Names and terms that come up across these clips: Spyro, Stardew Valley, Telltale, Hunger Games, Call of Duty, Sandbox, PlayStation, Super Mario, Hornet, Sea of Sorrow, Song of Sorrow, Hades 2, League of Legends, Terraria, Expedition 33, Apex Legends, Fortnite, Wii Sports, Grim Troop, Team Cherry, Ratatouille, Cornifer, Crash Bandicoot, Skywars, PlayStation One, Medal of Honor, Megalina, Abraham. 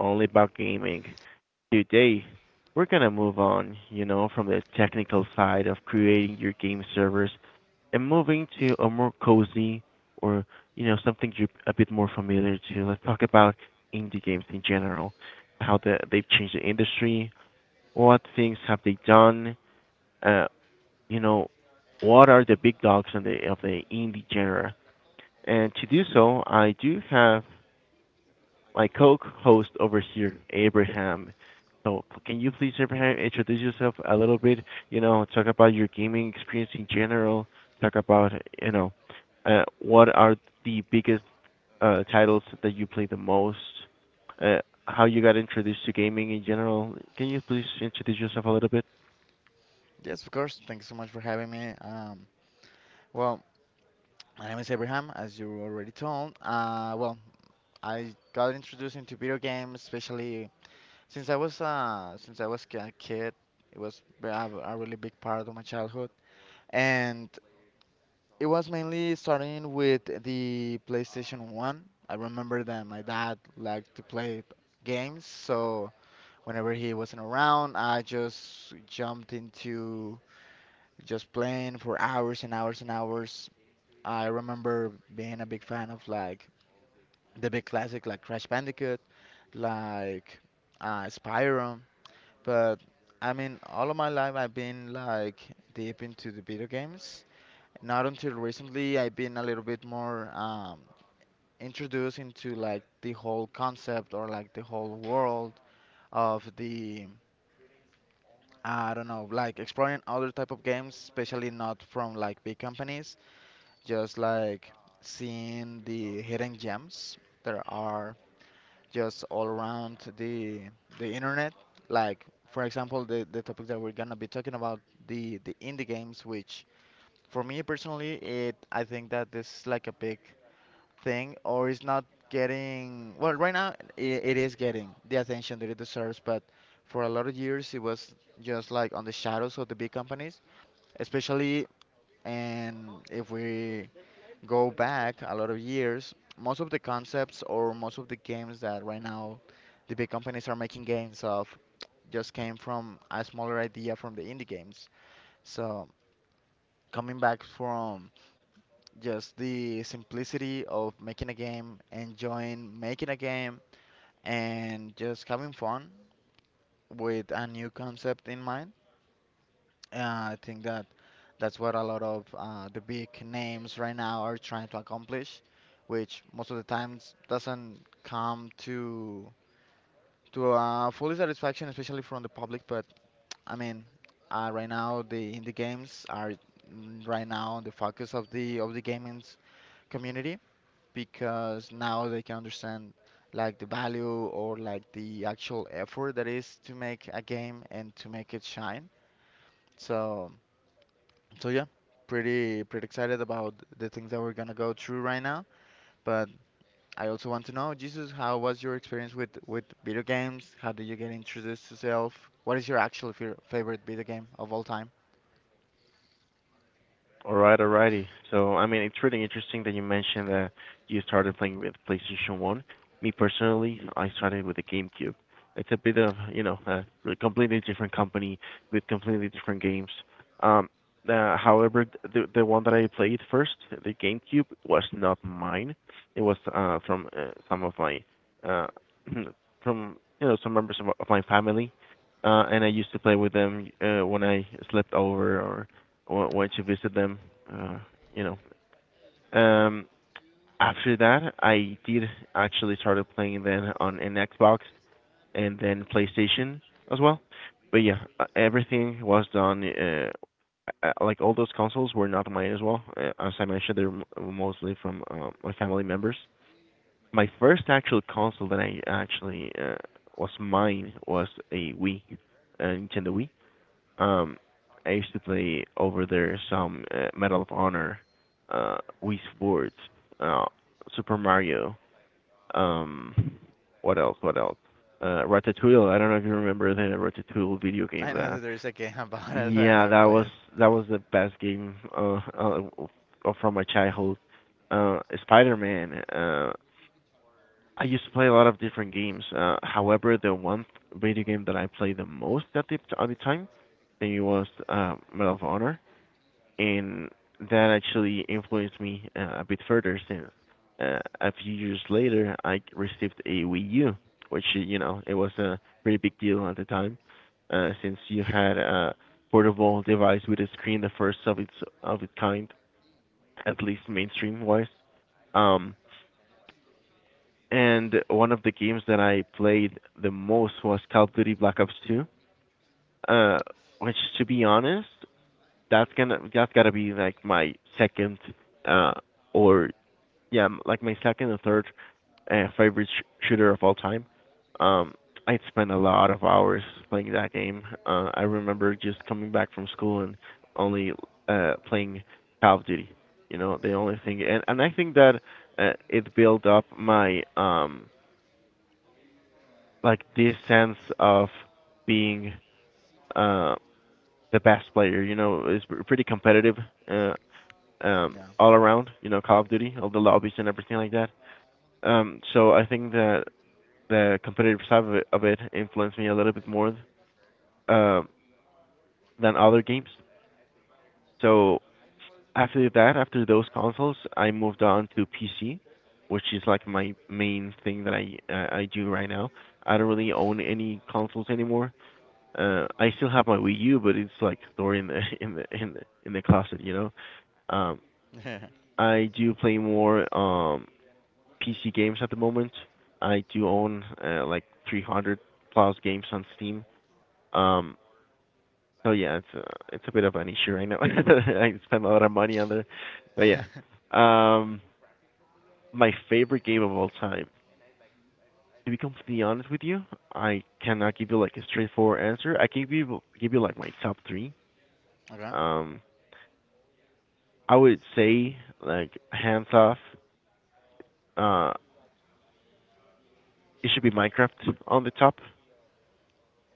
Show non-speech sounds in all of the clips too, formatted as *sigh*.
Only About Gaming. Today, we're gonna move on, you know, from the technical side of creating your game servers and moving to a more cozy or, you know, something you're a bit more familiar to. Let's talk about indie games in general, how they've changed the industry, what things have they done, uh, you know, what are the big dogs on of the indie genre. And to do so, I do have my co-host over here, Abraham. So can you please, Abraham, introduce yourself a little bit? You know, talk about your gaming experience in general. Talk about, you know, what are the biggest titles that you play the most? Uh, how you got introduced to gaming in general? Can you please introduce yourself a little bit? Yes, of course. Thanks so much for having me. Well, my name is Abraham, as you already told. I got introduced into video games, especially since I was a kid. It was a really big part of my childhood, and it was mainly starting with the PlayStation One. I remember that my dad liked to play games, so whenever he wasn't around, I just jumped into just playing for hours and hours and hours. I remember being a big fan of like the big classic like Crash Bandicoot, like Spyro. But I mean, all of my life I've been like deep into the video games. Not until recently I've been a little bit more introduced into like the whole concept or like the whole world of the. I don't know, like exploring other type of games, especially not from like big companies. Just like seeing the hidden gems that are just all around the internet. Like for example, the topic that we're gonna be talking about, the indie games, which for me personally, it I think that this is like a big thing, or it's not getting well right now. It is getting the attention that it deserves, but for a lot of years, it was just like on the shadows of the big companies, especially. And if we go back a lot of years, most of the concepts or most of the games that right now the big companies are making games of just came from a smaller idea from the indie games. So coming back from just the simplicity of making a game, enjoying making a game, and just having fun with a new concept in mind. I think that that's what a lot of the big names right now are trying to accomplish, which most of the times doesn't come to fully satisfaction, especially from the public. But I mean, right now the indie games are right now on the focus of the gaming community because now they can understand like the value or like the actual effort that is to make a game and to make it shine. So. So yeah, pretty excited about the things that we're gonna go through right now. But I also want to know, Jesus, how was your experience with video games? How did you get introduced to self? What is your actual favorite video game of all time? All right, alrighty. So, I mean, it's really interesting that you mentioned that you started playing with PlayStation 1. Me personally, I started with the GameCube. It's a bit of, you know, completely different company with completely different games. Um, however, the one that I played first, the GameCube, was not mine. It was from some of my uh *clears throat* from, you know, some members of my family, and I used to play with them when I slept over, went to visit them. Uh, you know, um, After that, I did actually started playing then on an Xbox and then PlayStation as well. But yeah, everything was done. Like, all those consoles were not mine as well. As I mentioned, they're mostly from my family members. My first actual console that I actually was mine was a Wii, a Nintendo Wii. Um, I used to play over there some Medal of Honor, uh, Wii Sports, uh, Super Mario. Um, what else? What else? Ratatouille. I don't know if you remember the Ratatouille video *laughs* game. I know that That, there's a game *laughs* about it, but I yeah, never that played was it. The best game from my childhood. Spider-Man. I used to play a lot of different games. However, the video game that I played the most at the time, I think it was, Medal of Honor, and that actually influenced me a bit further, since a few years later I received a Wii U, which, you know, it was a pretty big deal at the time, since you had a portable device with a screen, the first of its kind, at least mainstream wise. Um, and one of the games that I played the most was Call of Duty Black Ops 2, uh, which, to be honest, that's gotta be like my second uh or or third favorite shooter of all time. Um, I spent a lot of hours playing that game. I remember just coming back from school and only playing Call of Duty. You know, the only thing. And I think that it built up my like this sense of being uh the best player. You know, it's pretty competitive. Uh, Yeah. All around, you know, Call of Duty, all the lobbies and everything like that. Um, so I think that the competitive side of it influenced me a little bit more uh, than other games. So after that, after those consoles, I moved on to PC, which is like my main thing that I do right now. I don't really own any consoles anymore. I still have my Wii U, but it's like stored in the *laughs* in the in the closet, you know. Um, *laughs* I do play more PC games at the moment. I do own, like, 300 plus games on Steam. Um, so yeah, it's a bit of an issue right now. *laughs* I spend a lot of money on there, but yeah. Um, my favorite game of all time. To be completely honest with you, I cannot give you like a straightforward answer. I can give you like my top three. Okay. Um, I would say like hands off. Uh, it should be Minecraft on the top.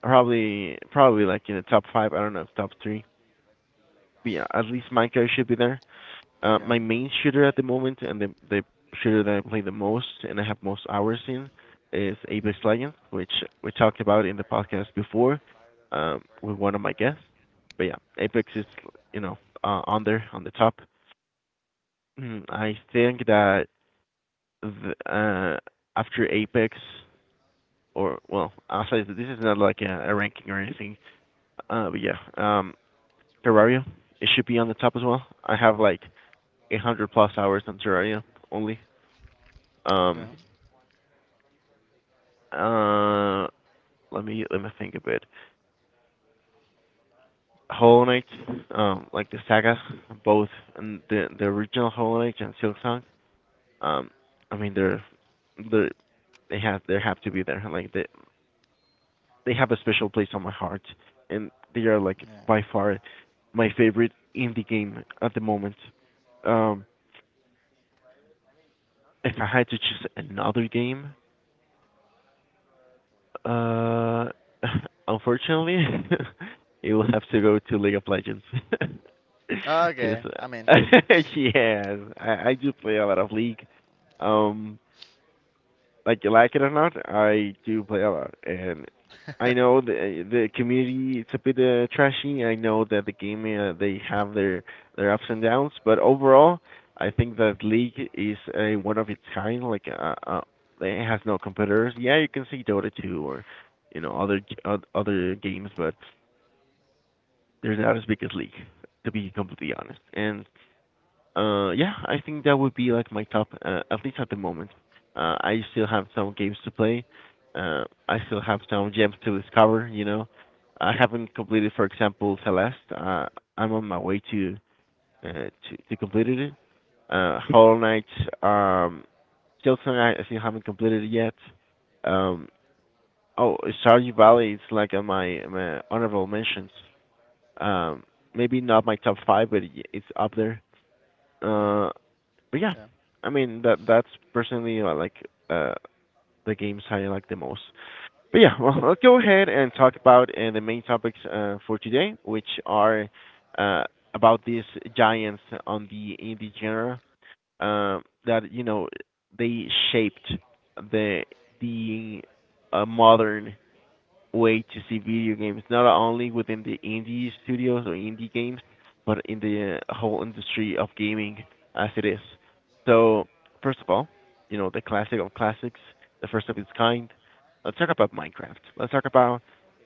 Probably like in the top five. I don't know, top three. Yeah, at least my guy should be there. Okay. My main shooter at the moment, and the shooter that I play the most and I have most hours in, is Apex Legends, which we talked about in the podcast before, with one of my guests. But yeah, Apex is, you know, on there on the top. Mm, I think that the, uh, after Apex, or well, I'll say that this is not like a ranking or anything. But yeah, Terraria, it should be on the top as well. I have like 800 plus hours in Terraria only. Okay. Um, uh, let me think a bit. Hollow Knight, like the saga, both, and the original Hollow Knight and Silksong. Um, I mean, they they have to be there. Like, they have a special place on my heart, and they are, like, by far my favorite indie game at the moment. Um, if I had to choose another game, Uh, *laughs* unfortunately, *laughs* it will have to go to League of Legends. *laughs* Yeah. Because, Okay. I *laughs* mean, yes, I do play a lot of League. Um, like, you like it or not, I do play a lot, and I *laughs* know the community, it's a bit, trashy. I know that the game, they have their ups and downs, but overall, I think that League is a one of its kind. Like, it has no competitors. Yeah, you can see Dota 2 or, you know, other games, but they're not as big as League, to be completely honest. And, yeah, I think that would be like my top, at least at the moment. I still have some games to play. I still have some gems to discover. You know, I haven't completed, for example, Celeste. I'm on my way to uh, to to completed it. Hollow Knight, um, still something I still haven't completed it yet. Um, oh, Stardew Valley is like on my honorable mentions. Um, maybe not my top five, but it's up there. Uh, but yeah, yeah. I mean, that that's personally uh the games I like the most. But yeah, well, let's go ahead and talk about, the main topics for today, which are uh about these giants on the indie genre, um, that, you know, they shaped the the modern way to see video games, not only within the indie studios or indie games, but in the whole industry of gaming as it is. So, first of all, you know, the classic of classics, the first of its kind. Let's talk about Minecraft. Let's talk about,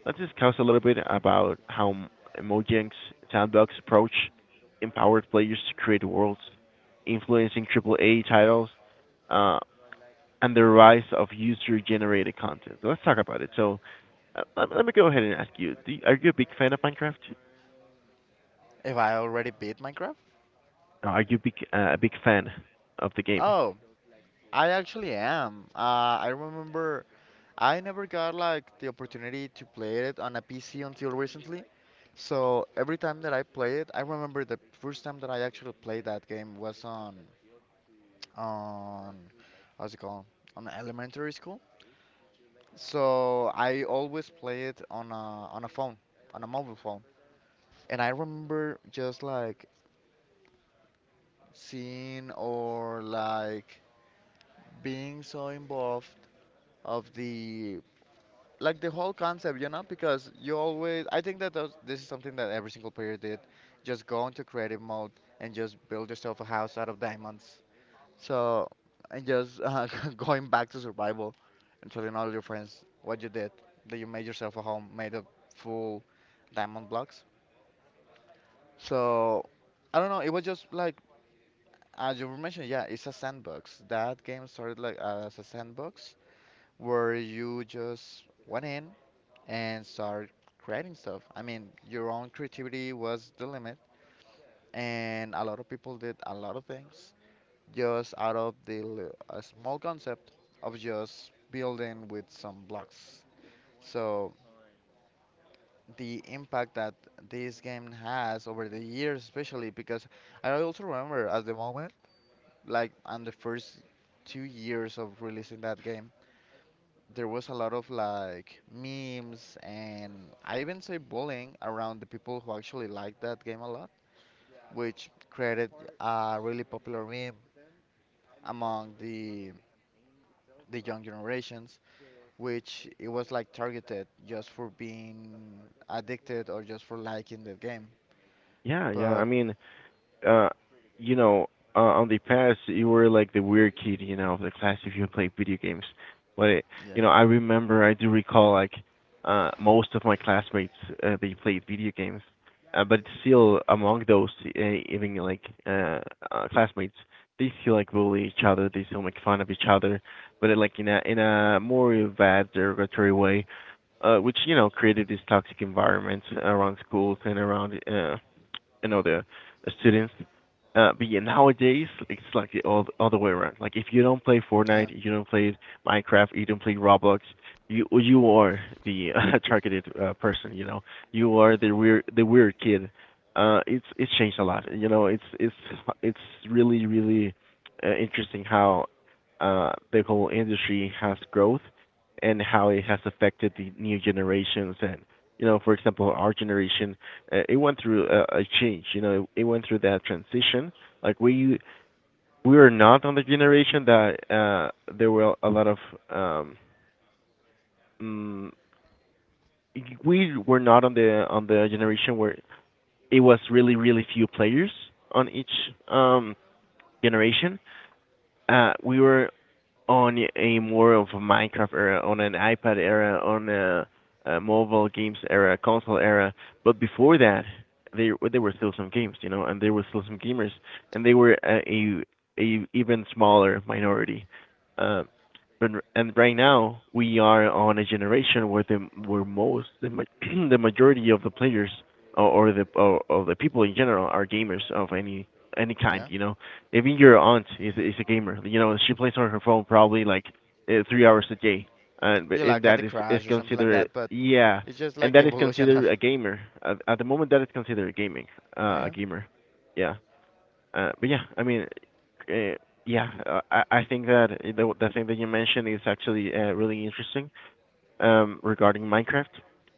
let's discuss a little bit about how Mojang's sandbox approach empowered players to create worlds, influencing triple A titles, uh, and the rise of user-generated content. So let's talk about it. So, let me go ahead and ask you, are you a big fan of Minecraft? If I already beat Minecraft? Are you big a big fan of the game? Oh, I actually am. I remember I never got like the opportunity to play it on a PC until recently. So every time that I play it, I remember the first time that I actually played that game was on how's it called? On elementary school. So I always play it on a phone, on a mobile phone. And I remember just like seeing or like being so involved of the like the whole concept, you know, because you always, I think that those, this is something that every single player did. Just go into creative mode and just build yourself a house out of diamonds. So, and just *laughs* going back to survival and telling all your friends what you did, that you made yourself a home made of full diamond blocks. So, I don't know, it was just like, as you were mentioning, yeah, it's a sandbox. That game started like as a sandbox where you just went in and start creating stuff. I mean, your own creativity was the limit, and a lot of people did a lot of things just out of a small concept of just building with some blocks. So the impact that this game has over the years, especially because I also remember at the moment, like on the first 2 years of releasing that game, there was a lot of like memes and I even say bullying around the people who actually liked that game a lot, which created a really popular meme among the young generations, which it was like targeted just for being addicted or just for liking the game. Yeah, yeah. I But mean, uh, you know, on the past you were like the weird kid, you know, of the class if you played video games. But, yeah, you know, I remember, I do recall, like, most of my classmates, they played video games. But still, among those, uh, even like classmates, they still like bully each other. They still make fun of each other, but, like, in a more bad, derogatory way, which, you know, created this toxic environment around schools and around, you know, the students. But yeah, nowadays, like, it's like the all other way around. Like, if you don't play Fortnite, yeah, you don't play Minecraft, you don't play Roblox, you are the *laughs* targeted person. You know, you are the weird kid. It's changed a lot. You know, it's really interesting how the whole industry has growth, and how it has affected the new generations. And, you know, for example, our generation, it went through a change. You know, it went through that transition. Like, we were not on the generation that, there were a lot of, um, mm, we were not on the generation where it was really few players on each, um, generation. We were on a more of a Minecraft era, on an iPad era, on a mobile games era, console era. But before that, there were still some games, you know, and there were still some gamers, and they were a even smaller minority. Uh, but and right now we are on a generation where the where most the *clears throat* the majority of the players or the people in general are gamers of any kind, yeah. you know, even your aunt is a gamer. You know, she plays on her phone probably like 3 hours a day, and, You and like that Candy is is Crush or something like considered, that, but yeah, it's just and like the that *laughs* is evolution of. considered a gamer at the moment. That is considered gaming, Oh a yeah. gamer. Yeah, but yeah, I mean, uh, yeah, I think that the thing that you mentioned is actually really interesting regarding Minecraft.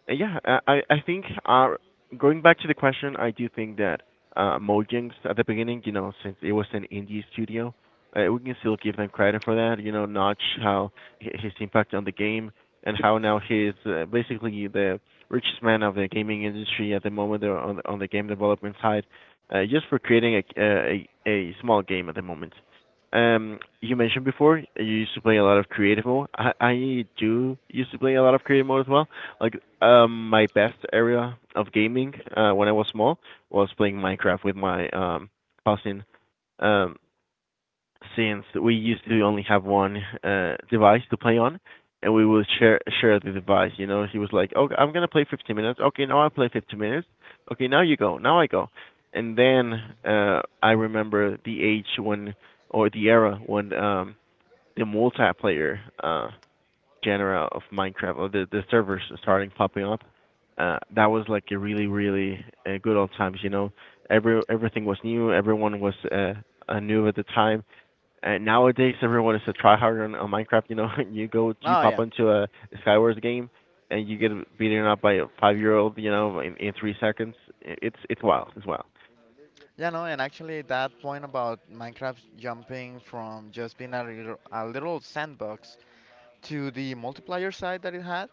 Yeah, I think going back to the question, I do think that Mojang's at the beginning, you know, since it was an indie studio, we can still give them credit for that. You know, Notch, how his impact on the game and how now he's basically the richest man of the gaming industry at the moment on on the game development side, just for creating a small game at the moment. You mentioned before you used to play a lot of creative mode. I do used to play a lot of creative mode as well. Like my best area of gaming when I was small was playing Minecraft with my cousin. Um, since we used to only have one device to play on, and we would share the device. You know, he was like, "Oh, I'm gonna play 15 minutes. Okay, now I play 15 minutes. Okay, now you go. Now I go." And then I remember the age when, or the era when the multiplayer genre of Minecraft, or the servers starting popping up. That was like a really, really good old times. You know, everything was new. Everyone was new at the time, and nowadays, everyone is a tryhard on Minecraft. You know, *laughs* you go, you Oh pop yeah. into a Skywars game, and you get beaten up by a five-year-old. You know, in 3 seconds. It's wild. It's wild. Yeah, no, and actually that point about Minecraft jumping from just being a little sandbox to the multiplayer side that it had,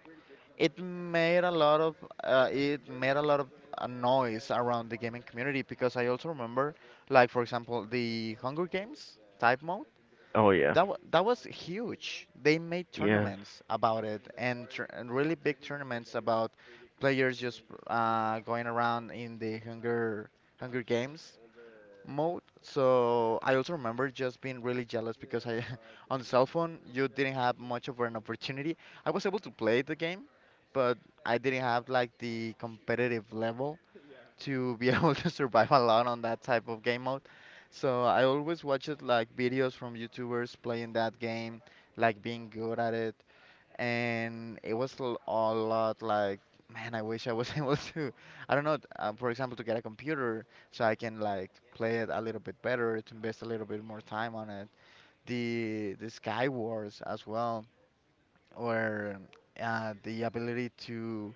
it made a lot of it made a lot of noise around the gaming community because I also remember, like for example, the Hunger Games type mode. Oh yeah. That was huge. They made Yes. tournaments about it and really big tournaments about players just going around in the Hunger Games mode. So I also remember just being really jealous because *laughs* on the cell phone, you didn't have much of an opportunity. I was able to play the game, but I didn't have like the competitive level to be *laughs* able to survive a lot on that type of game mode. So I always watch it like videos from YouTubers playing that game, like being good at it, and it was a lot like, man, I wish I was *laughs* able to, I don't know, for example, to get a computer so I can like play it a little bit better, to invest a little bit more time on it. The Skywars as well, or the ability to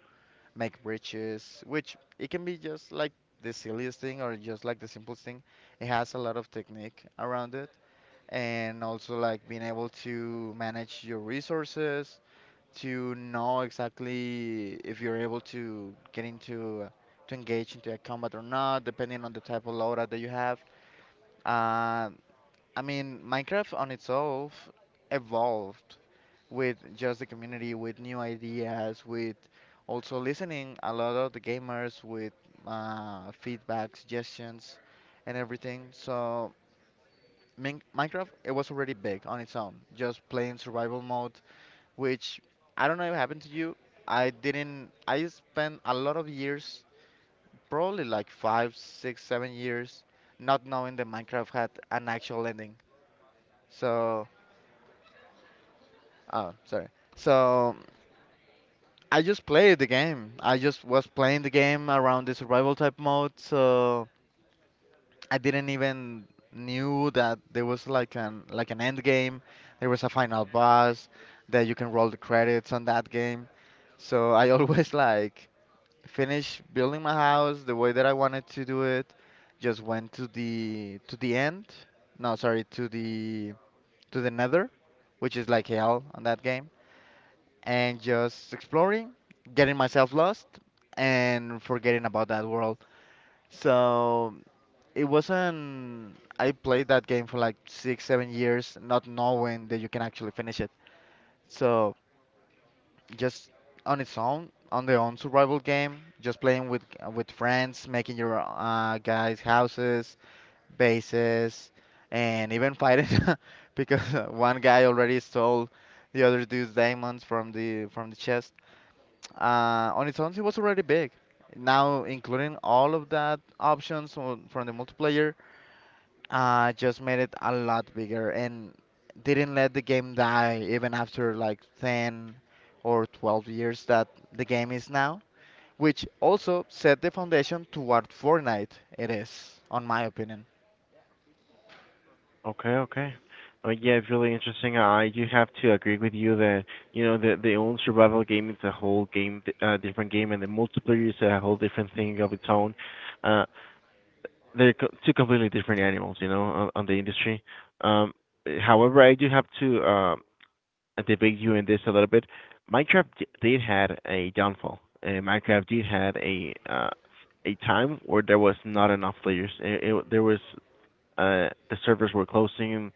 make bridges, which it can be just like the silliest thing or just like the simplest thing. It has a lot of technique around it, and also like being able to manage your resources, to know exactly if you're able to get into to engage into a combat or not, depending on the type of loadout that you have. Uh, I mean, Minecraft on itself evolved with just the community, with new ideas, with also listening a lot of the gamers with feedback, suggestions, and everything. So Minecraft, it was already big on its own, just playing survival mode, which I don't know if happened to you. I didn't. I spent a lot of years, probably like five, six, 7 years, not knowing that Minecraft had an actual ending. So, oh, sorry. So. I just played the game. I just was playing the game around the survival type mode, so I didn't even knew that there was like an end game. There was a final boss that you can roll the credits on that game. So I always *laughs* like finish building my house the way that I wanted to do it. Just went to the end. No, sorry, to the Nether, which is like hell on that game and just exploring, getting myself lost, and forgetting about that world. So it wasn't. I played that game for like six, 7 years, not knowing that you can actually finish it. So just on its own, on their own survival game, just playing with friends, making your guys' houses, bases, and even fighting *laughs* because one guy already stole the other dude's diamonds from the chest. On its own, it was already big. Now, including all of that options on- from the multiplayer, just made it a lot bigger and didn't let the game die even after like 10 or 12 years that the game is now, which also set the foundation to what Fortnite it is, on my opinion. Okay. Okay. Oh yeah, it's really interesting. I do have to agree with you that you know the own survival game is a whole game, different game, and the multiplayer is a whole different thing of its own. Uh, they're two completely different animals, you know, on the industry. Um, However, I do have to debate you in this a little bit. Minecraft did had a downfall. Minecraft did had a time where there was not enough players. There was the servers were closing.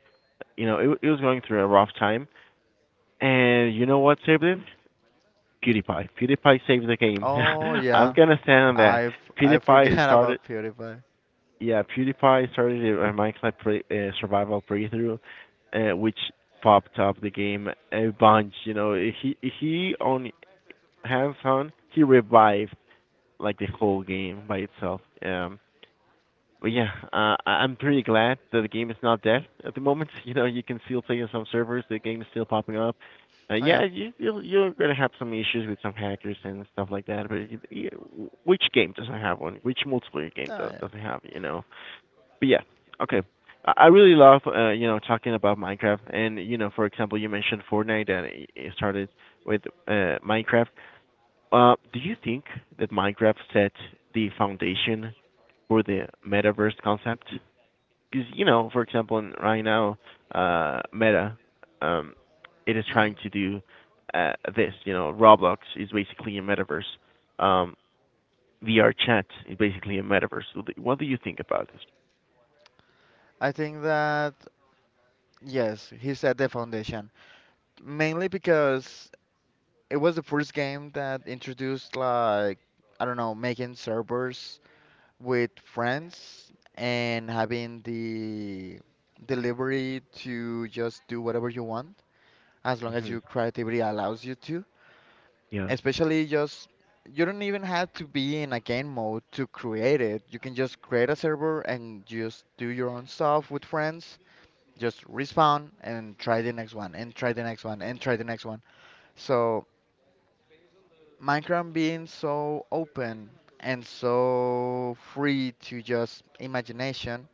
You know, it was going through a rough time. And you know what saved it? PewDiePie. PewDiePie saved the game. Oh *laughs* I'm yeah, gonna stand on that. I PewDiePie forget *laughs* started. about PewDiePie. Yeah, PewDiePie started a Minecraft survival playthrough, which popped up the game a bunch. You know, he on hands-on, he revived like the whole game by itself. But yeah, I- am pretty glad that the game is not dead at the moment. *laughs* You know, you can still play on some servers. The game is still popping up. Oh Yeah, yeah, you're gonna have some issues with some hackers and stuff like that. But which game doesn't have one? Which multiplayer game oh yeah. doesn't have? You know. But yeah, okay. I really love you know talking about Minecraft, and you know for example you mentioned Fortnite, and it started with Minecraft. Do you think that Minecraft set the foundation for the metaverse concept? Because you know, for example, right now, Meta, um, it is Hmm. trying to do this. You know, Roblox is basically a metaverse. Um, VR chat is basically a metaverse. So what do you think about this? I think that yes, he set the foundation. Mainly because it was the first game that introduced like I don't know, making servers with friends and having the delivery to just do whatever you want as long as Hmm. your creativity allows you to. Yeah. Especially just you don't even have to be in a game mode to create it. You can just create a server and just do your own stuff with friends. Just respawn and try the next one and try the next one and try the next one. So Minecraft being so open and so free to just imagination,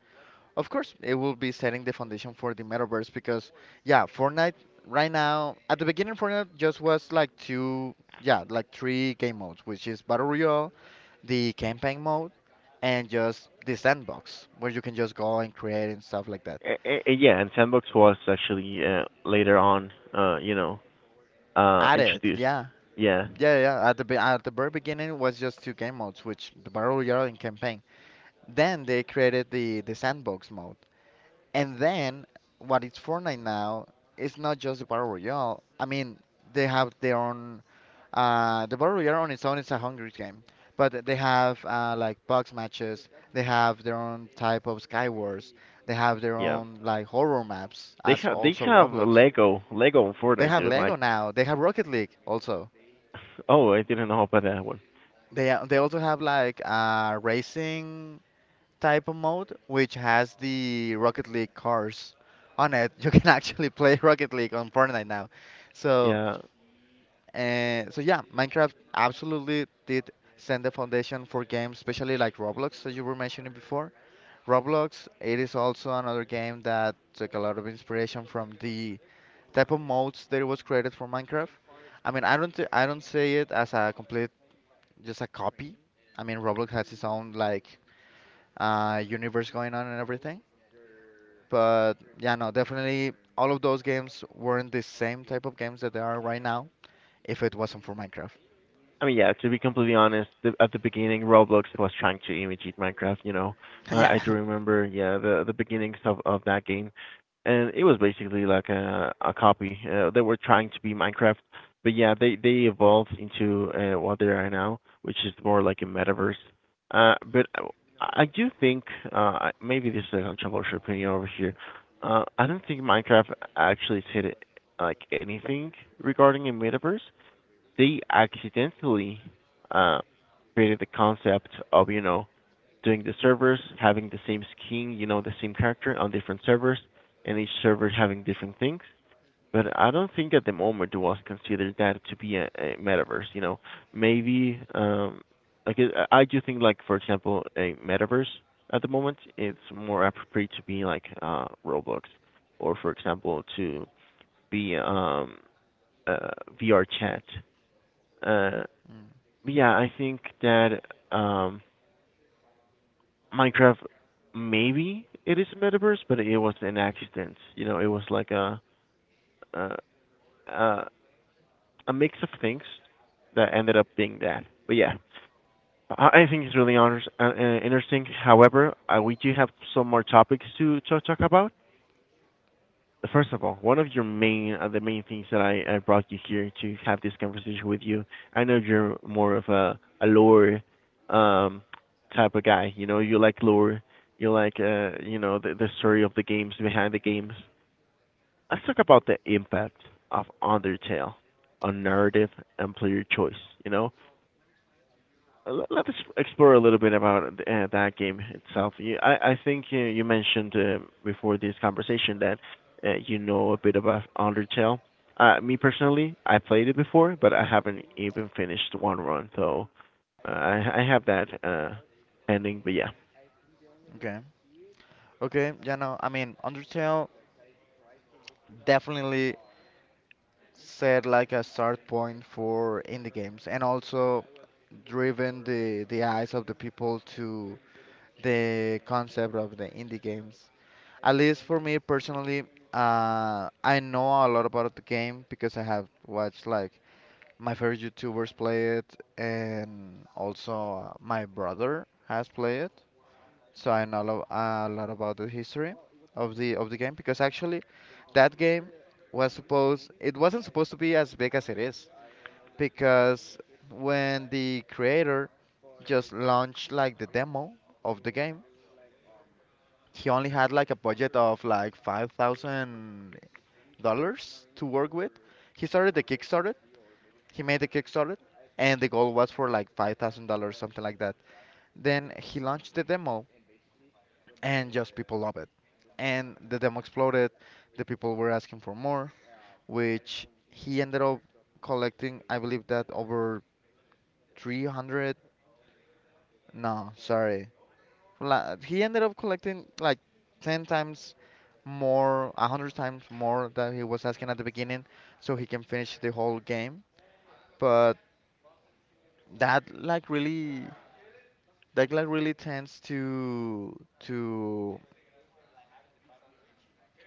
of course, it will be setting the foundation for the metaverse because, yeah, Fortnite right now, at the beginning, Fortnite just was like two, yeah, like three game modes, which is Battle Royale, the campaign mode, and just the sandbox where you can just go and create and stuff like that. Yeah, and Sandbox was actually later on, At it, introduced. yeah. Yeah, Yeah. At the at the very beginning, it was just two game modes, which the Battle Royale and campaign. Then they created the sandbox mode. And then what it's Fortnite now is not just the Battle Royale. I mean, they have their own the Battle Royale on its own is a hungry game. But they have like box matches, they have their own type of Skywars, they have their yeah. own like horror maps as They also have Roblox. Lego and They Fortnite, have dude. Lego Like, now, they have Rocket League also. *laughs* oh, I didn't know about that one. They also have like racing type of mode, which has the Rocket League cars on it. *laughs* You can actually play *laughs* Rocket League on Fortnite now. So, Yeah, so yeah, Minecraft absolutely did send the foundation for games, especially like Roblox that you were mentioning before. Roblox, it is also another game that took a lot of inspiration from the type of modes that it was created for Minecraft. I mean, I don't say it as a complete, just a copy. I mean, Roblox has its own like universe going on and everything. But yeah, no, definitely all of those games weren't the same type of games that they are right now if it wasn't for Minecraft. I mean, yeah, to be completely honest, at the beginning, Roblox was trying to imitate Minecraft, you know. *laughs* I do Yeah. remember, yeah, the beginnings of that game, and it was basically like a copy. They were trying to be Minecraft, but yeah, they evolved into what they are now, which is more like a metaverse. But I do think, uh, maybe this is a controversial opinion over here. I don't think Minecraft actually said like anything regarding a metaverse. They accidentally uh, created the concept of you know doing the servers, having the same skin, you know, the same character on different servers, and each server having different things. But I don't think at the moment it was considered that to be a metaverse. You know, maybe I do think like for example a metaverse at the moment it's more appropriate to be like Roblox, or for example to be uh, VR chat. Uh, yeah, I think that um Minecraft, maybe it is a metaverse, but it was an accident. You know, it was like a a, a mix of things that ended up being that. But yeah, I think it's really honors, interesting. However, we do have some more topics to talk about. First of all, one of your main the main things that I brought you here to have this conversation with you. I know you're more of a lore um type of guy. You know, you like lore. You like you know the story of the games behind the games. Let's talk about the impact of Undertale on narrative and player choice. You know, let's explore a little bit about that game itself. I think you mentioned before this conversation that you know a bit about Undertale. Me personally, I played it before, but I haven't even finished one run, so I have that ending. But Okay. Okay, yeah, no, I mean, Undertale definitely set like a start point for indie games and also driven the eyes of the people to the concept of the indie games. At least for me personally, I know a lot about the game because I have watched like my favorite YouTubers play it, and also my brother has played it, so a lot about the history of the game, because actually that game was supposed it wasn't supposed to be as big as it is because when the creator just launched like the demo of the game, he only had like a budget of like $5,000 to work with. He started the Kickstarter he made the Kickstarter, and the goal was for like $5,000, something like that. Then he launched the demo, and just people loved it. And the demo exploded. The people were asking for more, which he ended up collecting. I believe that over 300. No, sorry. He ended up collecting like ten times more, a hundred times more than he was asking at the beginning, so he can finish the whole game. But that like really. Declan really tends to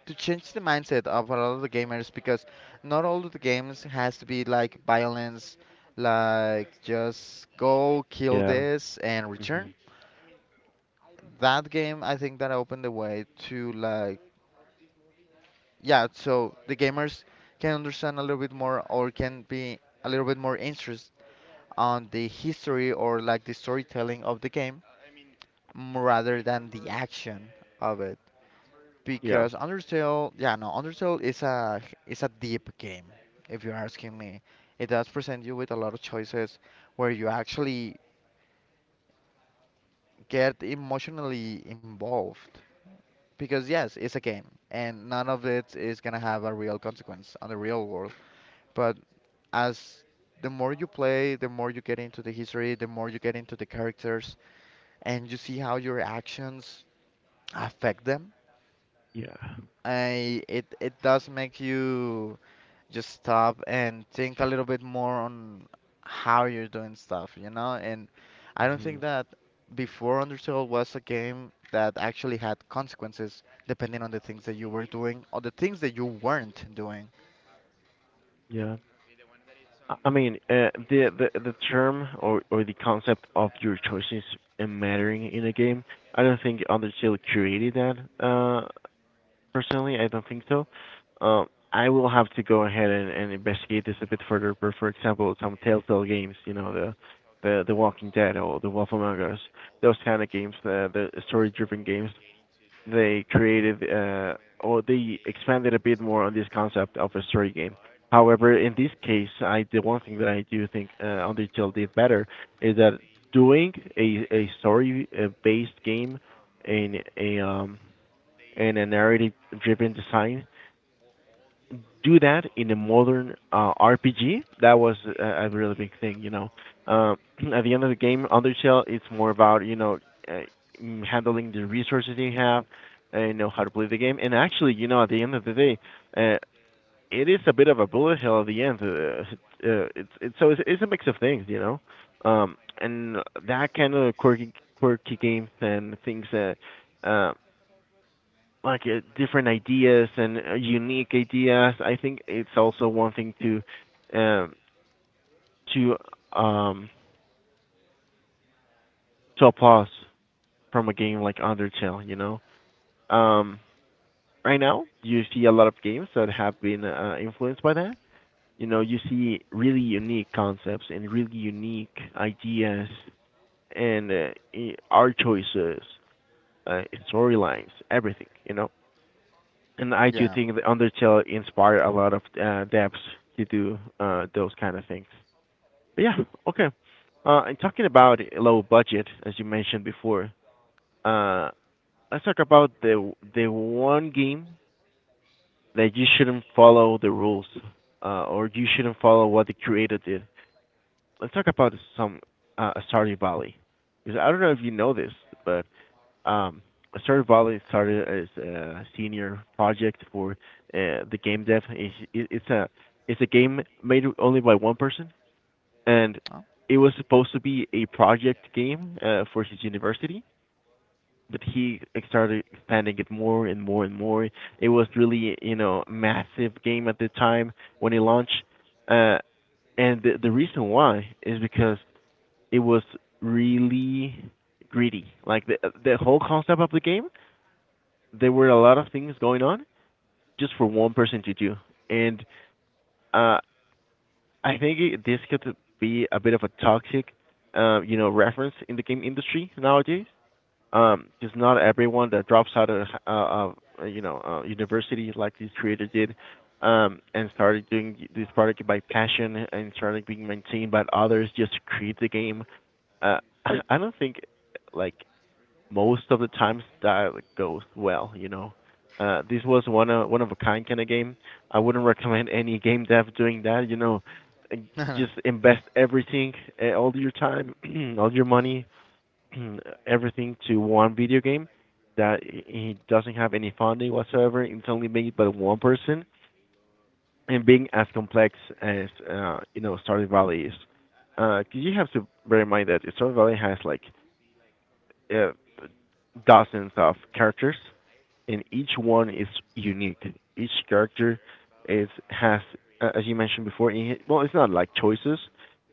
to change the mindset of a lot of the gamers because not all of the games has to be like violence, like just go kill yeah, this and hmm return. That game, I think that opened the way to like, yeah, so the gamers can understand a little bit more or can be a little bit more interest on the history or like the storytelling of the game rather than the action of it. yeah, Because Undertale, yeah, no, Undertale is a deep game, if you're asking me. It does present you with a lot of choices where you actually get emotionally involved. Because yes, it's a game, and none of it is gonna have a real consequence on the real world. But as the more you play, the more you get into the history, the more you get into the characters, and you see how your actions affect them. yeah, I It does make you just stop and think a little bit more on how you're doing stuff, you know? And I don't hmm think that before Undertale was a game that actually had consequences depending on the things that you were doing or the things that you weren't doing. yeah. I mean, the term or the concept of your choices mattering in a game. I don't think Undertale created that. Uh, Personally, I don't think so. I will have to go ahead and investigate this a bit further. But for example, some Telltale games, you know, the Walking Dead or The Wolf Among Us, those kind of games, the story-driven games, they created or they expanded a bit more on this concept of a story game. However, in this case, I the one thing that I do think Undertale did better is that doing a story based game in a um in a narrative driven design, do that in a modern RPG. That was a really big thing, you know. Uh, at the end of the game, Undertale it's more about you know uh, handling the resources you have, you know how to play the game, and actually, you know, at the end of the day, uh, it is a bit of a bullet hell at the end. It's a mix of things, you know, and that kind of quirky games and things that. Uh, like different ideas and unique ideas. I think it's also one thing to to um to applause from a game like Undertale, you know. Um right now you see a lot of games that have been influenced by that. You know, you see really unique concepts and really unique ideas and art choices, uh, storylines, everything, you know. And I do Yeah. think that Undertale inspired a lot of devs to do those kind of things. But yeah, okay. And talking about low budget, as you mentioned before, uh, let's talk about the one game that you shouldn't follow the rules, or you shouldn't follow what the creator did. Let's talk about some Stardew Valley, because I don't know if you know this, but Um, Stardew Valley started as a senior project for the game dev. It's a it's a game made only by one person, and Oh. it was supposed to be a project game for his university. But he started expanding it more and more and more. It was really massive game at the time when it launched, uh, and the reason why is because it was really greedy. Like the whole concept of the game, there were a lot of things going on just for one person to do. And uh, I think this could be a bit of a toxic, reference in the game industry nowadays. Because not everyone that drops out of, university like this creator did, and started doing this product by passion and started being maintained by others just to create the game. Uh, I don't think, like, most of the times that goes well, you know. This was one of a kind kind of game. I wouldn't recommend any game dev doing that. You know, just *laughs* invest everything, all your time, *clears throat* all your money, *clears throat* everything to one video game that it doesn't have any funding whatsoever. It's only made by one person, and being as complex as Stardew Valley is, because you have to bear in mind that Stardew Valley has like uh, dozens of characters, and each one is unique. Each character is has, as you mentioned before, well, it's not like choices,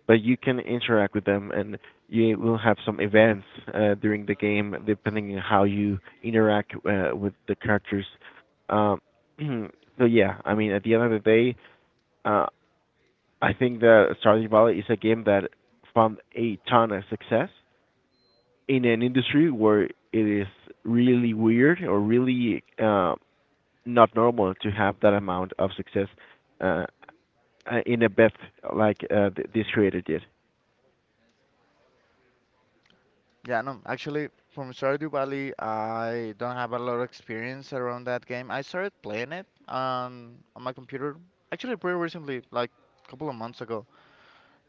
but you can interact with them, and you will have some events during the game depending on how you interact with the characters. Um, *clears throat* so yeah, I mean, at the end of the day, uh, I think that Stardew Valley is a game that found a ton of success in an industry where it is really weird or really not normal to have that amount of success, uh, in a bet like this creator did. Yeah, no, actually, from Stardew Valley, I don't have a lot of experience around that game. I started playing it on my computer actually pretty recently, like a couple of months ago.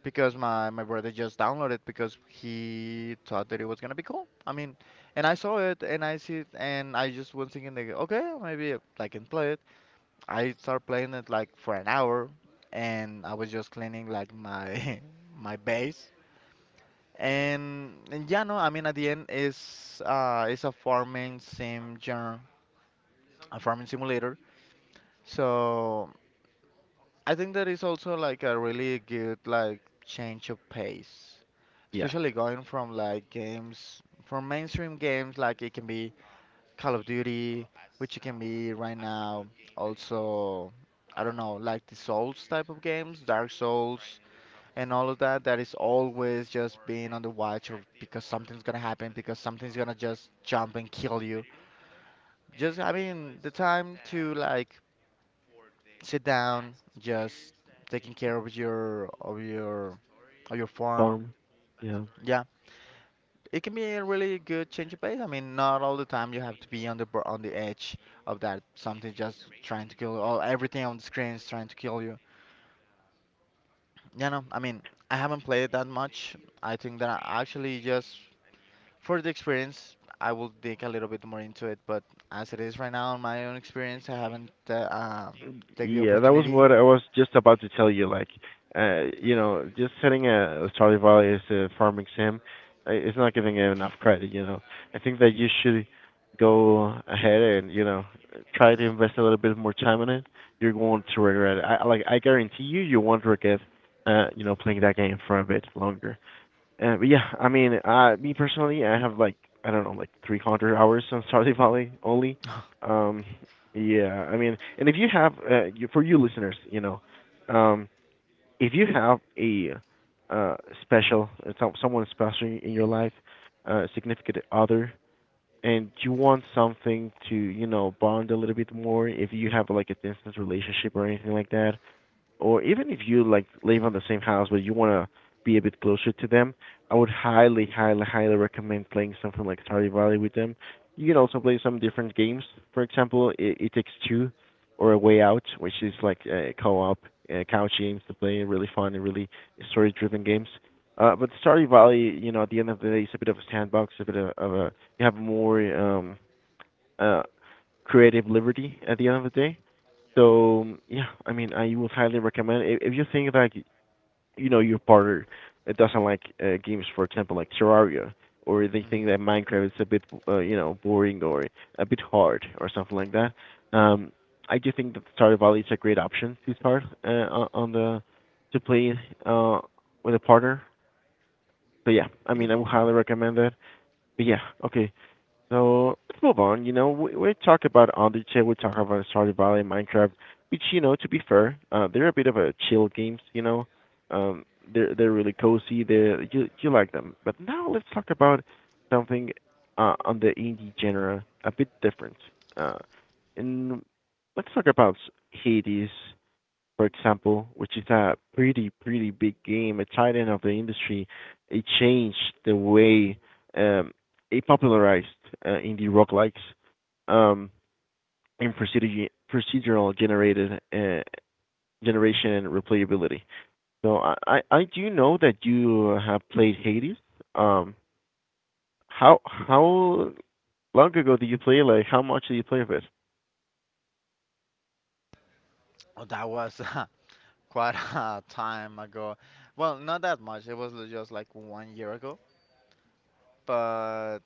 Because my brother just downloaded, because he thought that it was gonna be cool. I mean, and I saw it and I see it and I just was thinking like, okay, maybe I can play it. I started playing it like for an hour, and I was just cleaning like my *laughs* my base. And yeah, no, I mean at the end is it's a farming sim genre, a farming simulator. So. I think that is also like a really good like change of pace, Yes. especially going from like games, from mainstream games like it can be Call of Duty, which it can be right now also. I don't know, like the Souls type of games, Dark Souls and all of that, that is always just being on the watch or because something's gonna happen, because something's gonna just jump and kill you. Just having the time to like sit down, just taking care of your of your farm. Farm. Yeah. Yeah, it can be a really good change of pace. I mean, not all the time you have to be on on the edge of that something just trying to kill all everything on the screen is trying to kill you. Yeah, no, I mean, I haven't played it that much. I think that I actually just for the experience, I will dig a little bit more into it. But as it is right now, in my own experience, I haven't take the Yeah, that was opportunity. what I was just about to tell you. Like, just setting a Stardew Valley as a farming sim is not giving it enough credit. You know, I think that you should go ahead and, you know, try to invest a little bit more time in it. You're going to regret it. I, like, I guarantee you, you won't regret, playing that game for a bit longer. But yeah, I mean, me personally, I have like, I don't know, like 300 hours on Stardew Valley only. Um, yeah, I mean, and if you have you, for you listeners, you know, um, if you have a uh special someone special in your life, significant other, and you want something to, you know, bond a little bit more, if you have like a distance relationship or anything like that, or even if you like live on the same house but you want to be a bit closer to them, I would highly, highly, highly recommend playing something like Stardew Valley with them. You can also play some different games. For example, It Takes Two or A Way Out, which is like co-op couch games to play, really fun and really story-driven games. But Stardew Valley, you know, at the end of the day, it's a bit of a sandbox, a bit of a, you have more uh, creative liberty at the end of the day. So yeah, I mean, I would highly recommend if you think like, you know, your partner doesn't like games, for example, like Terraria, or they think Hmm. that Minecraft is a bit boring or a bit hard or something like that. Um, I do think that Stardew Valley is a great option to start on the to play uh with a partner. So yeah, I It mean, can I be. would highly recommend that. But yeah, okay. So let's move on. You know, we talk about Andice, we talk about Stardew Valley, Minecraft, which, you know, to be fair, they're a bit of a chill games. You know, um, they're really cozy. They, you like them. But now let's talk about something on the indie genre, a bit different. Uh, and let's talk about Hades, for example, which is a pretty, pretty big game, a titan of the industry. It changed the way, um, it popularized indie roguelikes um, in procedural generated generation and replayability. So I do know that you have played Hades. Um, how long ago did you play? Like, how much did you play of it? Oh, that was *laughs* quite a *laughs* time ago. Well, not that much. Just like one year ago. But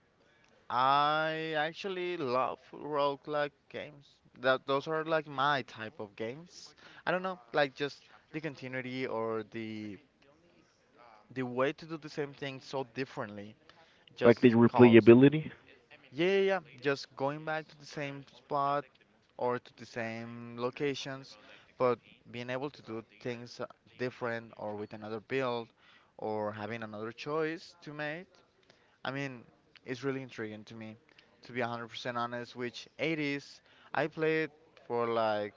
I actually love roguelike games. That those are like my type of games. I don't know, like just the continuity or the way to do the same thing so differently Like the just calls to me. replayability? Yeah, yeah, yeah. Just going back to the same spot or to the same locations, but being able to do things different or with another build or having another choice to make, I mean, it's really intriguing to me. To be 100% honest, which Hades, I played for like,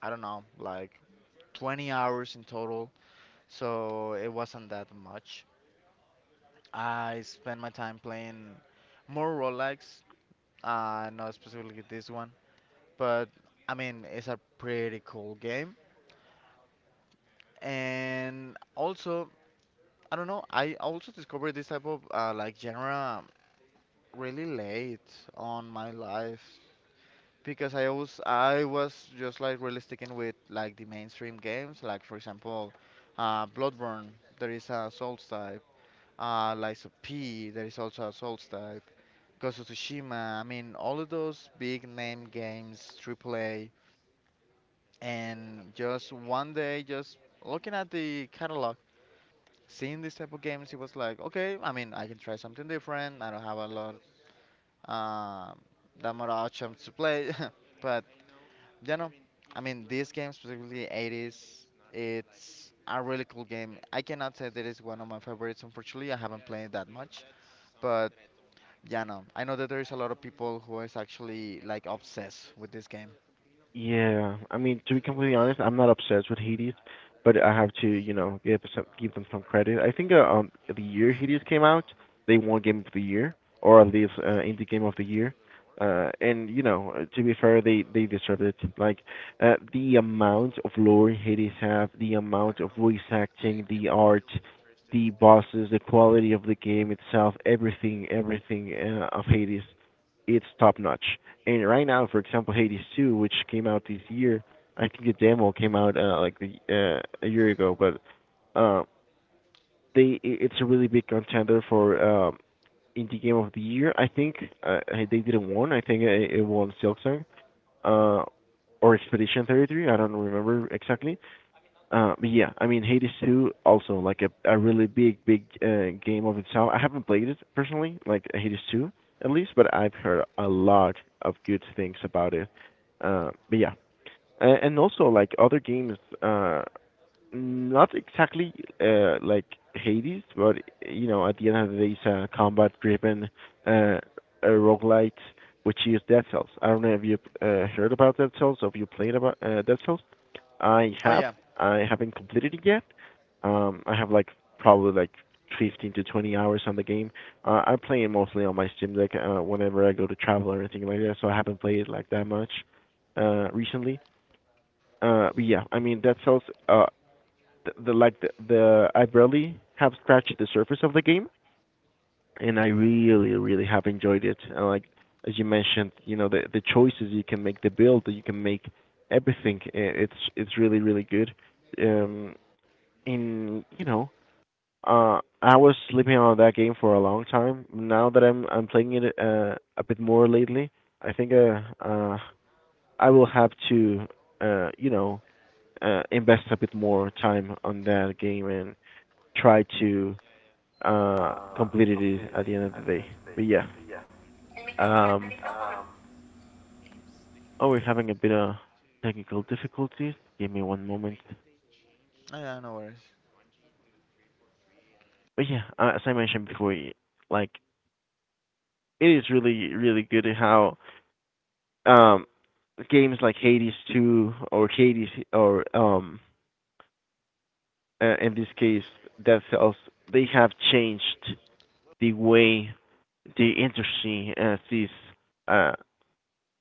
I don't know, like 20 hours in total, so it wasn't that much. I spent my time playing more roguelikes, not specifically this one, but I mean, it's a pretty cool game. And also, I don't know, I also discovered this type of like genre really late on my life because I was just like really sticking with like the mainstream games, like for example, Bloodborne, there is a Souls type, Lies of P, there is also a Souls type, Ghost of Tsushima, I mean, all of those big name games, AAA, and just one day just looking at the catalog, seeing this type of games, it was like, okay, I mean, I can try something different. I don't have a lot, um, that much options to play, *laughs* but you know, I mean, this game specifically Hades, it's a really cool game. I cannot say that it's one of my favorites. Unfortunately, I haven't played that much, but yeah, no, I know that there is a lot of people who is actually like obsessed with this game. Yeah, I mean, to be completely honest, I'm not obsessed with Hades, but I have to, you know, give some, give them some credit. I think the year Hades came out, they won Game of the Year, or at least Indie Game of the Year. And you know, to be fair, they deserved it. Like, the amount of lore Hades have, the amount of voice acting, the art, the bosses, the quality of the game itself, everything, everything of Hades, it's top notch. And right now, for example, Hades 2, which came out this year, I think the demo came out a year ago, but uh, they it's a really big contender for indie game of the year. I think uh, they didn't win. I think won Silksong uh, or Expedition 33. I don't remember exactly, but yeah, I mean Hades 2 also like a really big big game of itself. I haven't played it personally, like Hades 2 at least, but I've heard a lot of good things about it. But yeah, and also like other games not exactly like Hades, but you know, at the end of the day, it's a combat-driven uh, a roguelite, which use Dead Cells. I don't know if you heard about Dead Cells or if you played about Dead Cells. I Oh have. yeah. I haven't completed it yet. I have like probably like 15 to 20 hours on the game. I play it mostly on my Steam Deck whenever I go to travel or anything like that, so I haven't played it like that much recently. But yeah, I mean Dead Cells. The like the I barely have scratched the surface of the game, and I really really have enjoyed it. And like, as you mentioned, you know, the choices you can make, the build that you can make, everything. It's really really good. Um, in, you know, I was sleeping on that game for a long time. Now that I'm playing it a bit more lately, I think I will have to, you know, invest a bit more time On on that that. Kumabig. game and Try try to to uh, complete complete it it at at the the end end of of the the day. day. But But yeah. yeah. Um um, oh, we're having a bit of technical difficulties. Give me one moment. Oh, yeah, no worries. But yeah, as I mentioned before, like, it is really really good how um games like Hades 2 or Hades, or in this case Dead Cells, they have changed the way the industry sees uh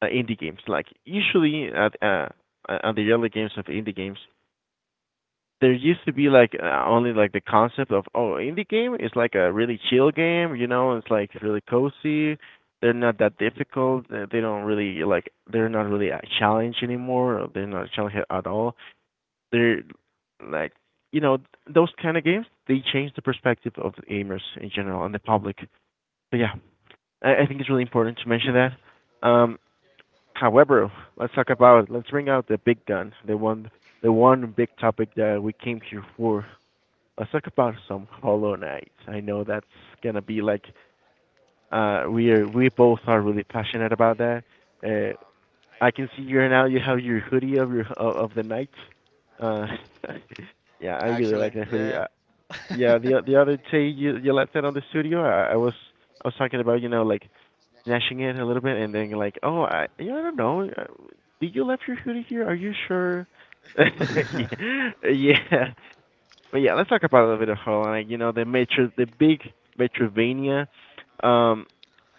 indie games. Like, usually at on the early games of indie games, there used to be like only like the concept of, oh, indie game is like a really chill game. You know, it's like really cozy. They're not that difficult. They don't really like, they're not really a challenge anymore. Or they're not a challenge at all. They're like, you know, those kind of games. They change the perspective of the gamers in general and the public. But yeah, I think it's really important to mention that. Um, However, let's talk about, let's bring out the big gun, the one big topic that we came here for. Let's talk about some Hollow Knight. I know that's gonna be like, we are, we both are really passionate about that. Uh I can see you now, you have your hoodie of your of, the night. Uh *laughs* yeah, I really like Actually, that hoodie. yeah. Yeah, the other day you left that on the studio. I was, I was talking about, you know, like, Gnashing it a little bit, and then you're like, "Oh, I, yeah, I don't know. Did you left your hoodie here? Are you sure?" *laughs* Yeah. *laughs* Yeah. Yeah, but yeah, let's talk about a little bit of Holland. You know, the Metro, the big Metrovania. Um,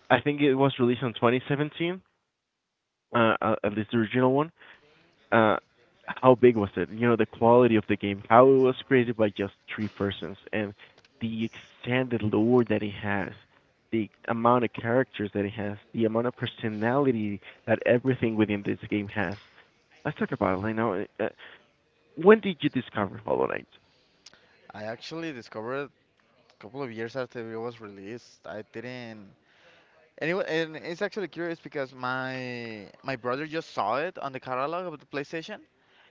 I think it was released in 2017, at least the original one. uh how big was it? You know, the quality of the game, how it was created by just three persons, and the extended lore that it has, the amount of characters that it has, the amount of personality that everything within this game has. Let's talk about it. When did you discover Hollow Knight? I actually discovered a couple of years after it was released. I didn't, and, it, wa- And it's actually curious because my brother just saw it on the catalog of the PlayStation,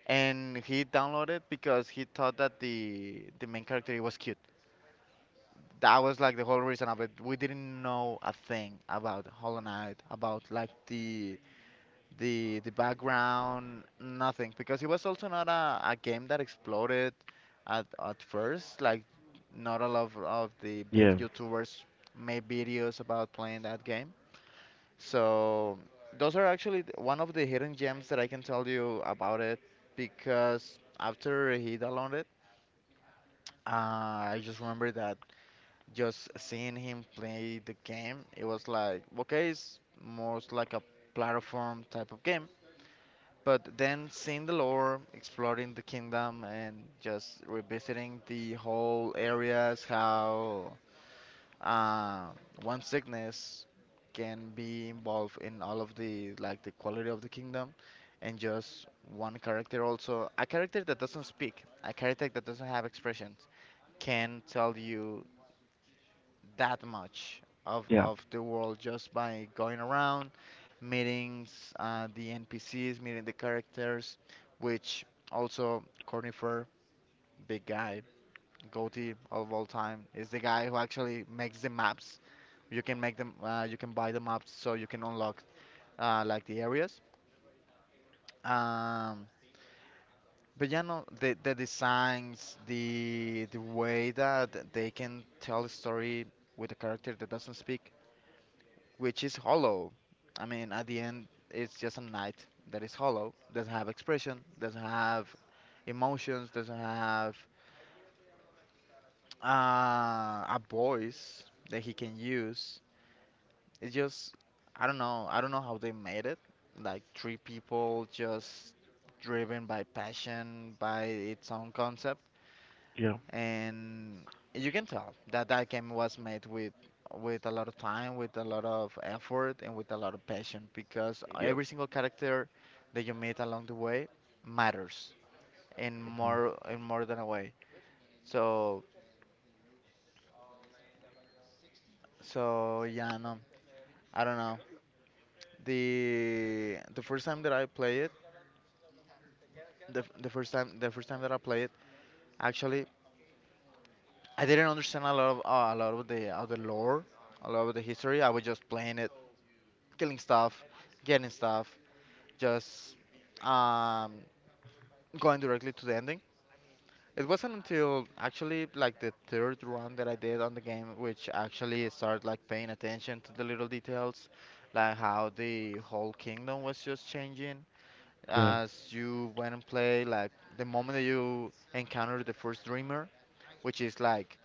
and he downloaded it because he thought that the main character he was cute. That was like the whole reason of it. We didn't know a thing about Hollow Knight, about like the background, nothing, because it was also not a game that exploded at first. Like, not a lot of the big Yeah. YouTubers made videos about playing that game. So those are actually one of the hidden gems that I can tell you about it. Because after he downloaded it, I just remember that just seeing him play the game, it was like, okay, it's most like a platform type of game. But then seeing the lore, exploring the kingdom, and just revisiting the whole areas, how um, one sickness can be involved in all of the like the quality of the kingdom, and just one character, also a character that doesn't speak, a character that doesn't have expressions, can tell you that much Yeah. of the world just by going around, meeting the NPCs, meeting the characters, which also Cornifer, big guy, goatee of all time, is the guy who actually makes the maps. You can make them, you can buy the maps so you can unlock like the areas. Um, but yeah, no, the designs, the way that they can tell a story with a character that doesn't speak, which is hollow. I mean, at the end, it's just a knight that is hollow, doesn't have expression, doesn't have emotions, doesn't have a voice that he can use. It's just, I don't know how they made it. Like three people just driven by passion, by its own concept. yeah, And you can tell that that game was made with a lot of time, with a lot of effort, and with a lot of passion because yeah, every single character that you meet along the way matters in more than a way. So so yeah, no, I don't know. The first time that I play it, the first time that I play it, actually, I didn't understand a lot of the lore, a lot of the history. I was just playing it, killing stuff, getting stuff. Just um, going directly to the ending. It wasn't until actually like the third run that I did on the game, which actually started like paying attention to the little details, like how the whole kingdom was just changing Yeah. as you went and play. Like the moment that you encounter the first dreamer, which is like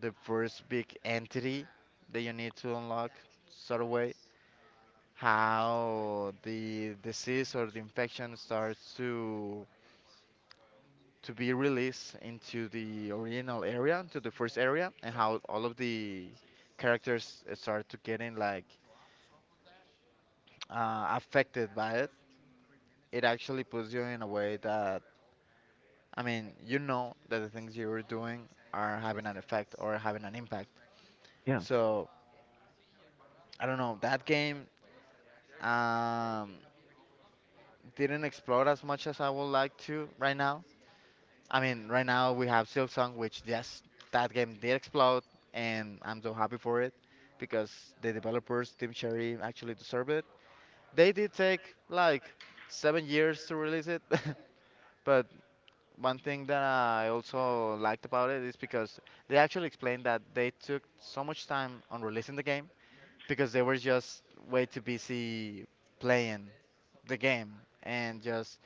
the first big entity that you need to unlock, sort of way. How the disease or the infection starts to be released into the original area, to the first area, and how all of the characters start to getting like affected by it. It actually puts you in a way that I mean, you know that the things you're doing are having an effect or having an impact. Yeah. So I don't know. That game um, didn't explore as much as I would like to right now. I mean, right now we have Silksong, which just that game did explode, and I'm so happy for it because the developers, Team Cherry, actually deserve it. They did take like 7 years to release it, *laughs* but one thing that I also liked about it is because they actually explained that they took so much time on releasing the game because they were just way too busy playing the game and just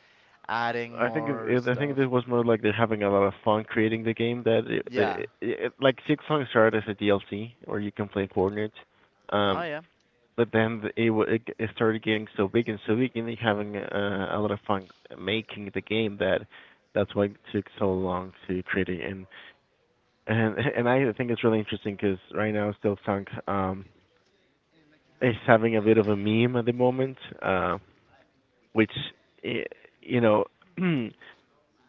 adding I think more I think it stuff. was more like they're having a lot of fun creating the game. That it, Yeah. it, it, like Six Songs started as a DLC, or you can play coordinates. Oh, Um, yeah. but then it started getting so big, and they're having a lot of fun making the game that that's why it took so long to create it. And I think it's really interesting because right now Six Song is having a bit of a meme at the moment, uh, which eh, you know. *clears throat*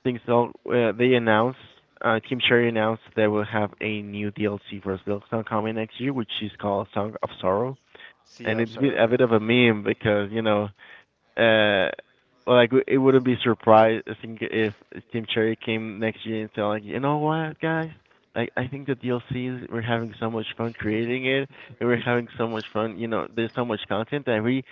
They announced, Team Cherry announced they will have a new DLC for Silksong coming next year, which is called Song of Sorrow. Sea And of it's been Sorrow, a yeah. bit of a meme because, you know, uh like it wouldn't be surprising if Team Cherry came next year and said like, you know what, guys, like I think the DLCs we're having so much fun creating it, and we're having so much fun. You know, there's so much content that we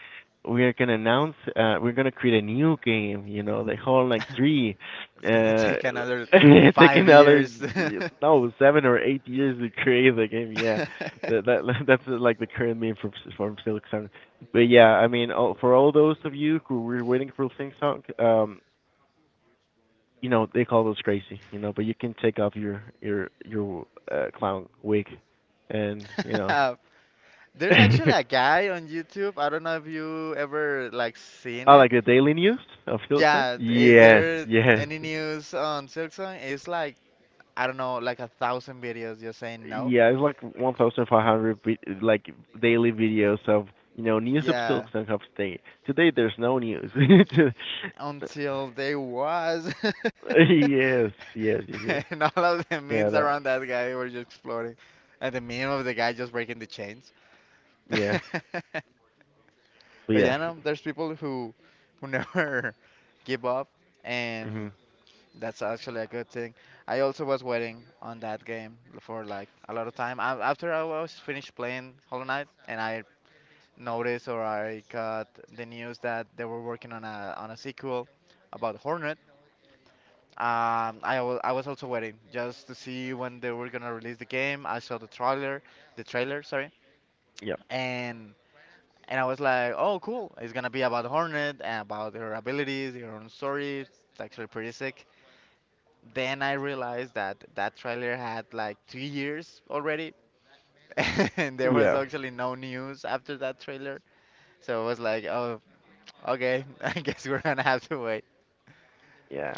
we are gonna announce. We're gonna create a new game. You know, the whole like Hollow Knight three. It's gonna *laughs* Uh, take another *laughs* it took five another years. *laughs* No, 7 or 8 years to create the game. Yeah, that *laughs* that's like the current meme from Silk Sun. But yeah, I mean, for all those of you who were waiting for Sing Song, you know they call those crazy, you know. But you can take off your your clown wig, and you know, *laughs* There's I actually a guy on YouTube. I don't know if you ever like seen it. like the daily news of Silk Song. Yeah, is Yes, there yes. any news on Silk Song? It's like I don't know, like 1,000 videos just saying no. Yeah, it's like 1,500 like daily videos of you know news of Yeah, Silk Song of today. Today there's no news. *laughs* yes, until they was, *laughs* yes, yes, yes. and all of the memes Yeah, around that. that guy were just exploding, and the meme of the guy just breaking the Yes, *laughs* but but yeah. yeah, no, there's people who never *laughs* give up, Hmm. and that's actually a good thing. I also was waiting on that game for like a lot of time. A- After I was finished playing Hollow Knight, and I noticed or I got the news that they were working on a sequel about Hornet. I was also waiting just to see when they were gonna release the game. I saw the trailer, sorry, Yep. and and I was like, oh, cool. It's gonna be about Hornet and about her abilities, her own story. It's actually pretty sick. Then I realized that that trailer had like 2 years already, *laughs* and there was Yeah. actually no news after that trailer. So it was like, oh, okay, *laughs* I guess we're gonna have to wait. Yeah.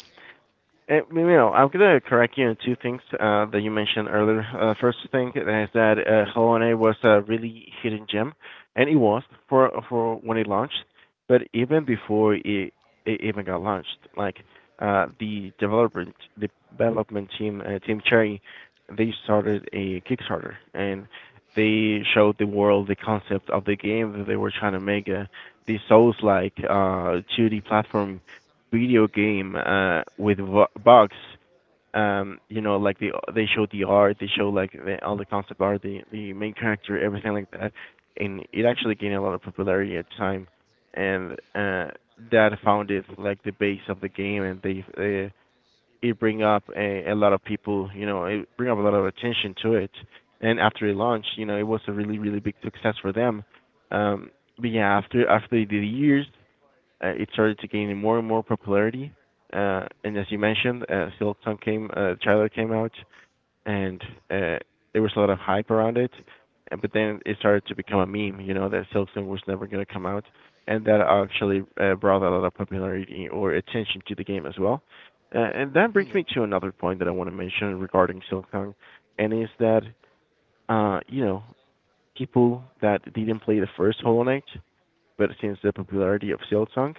And, you know, I'm gonna correct you on two things that you mentioned earlier. First thing is that Helone was a really hidden gem, and it was for when it launched. But even before it even got launched, like the development team, Team Cherry, they started a Kickstarter and they showed the world the concept of the game that they were trying to make, the Souls-like 2D platform video game with box you know like the they show the art they show like all the concept art the main character everything like that, and it actually gained a lot of popularity at the time, and that founded like the base of the game, and they it bring up a lot of people, you know, it bring up a lot of attention to it, and after it launched, you know, it was a really really big success for them. um but yeah, after the years it started to gain more and more popularity. And as you mentioned, Silk Song came, the trailer came out, and uh, there was a lot of hype around it. But then it started to become a meme, you know, that Silk Song was never going to come out, and that actually brought a lot of popularity or attention to the game as well. And that *laughs* brings Yeah, me to another point that I want to mention regarding Silkong, and is that you know people that didn't play the first Hollow Knight but since the popularity of Silksong,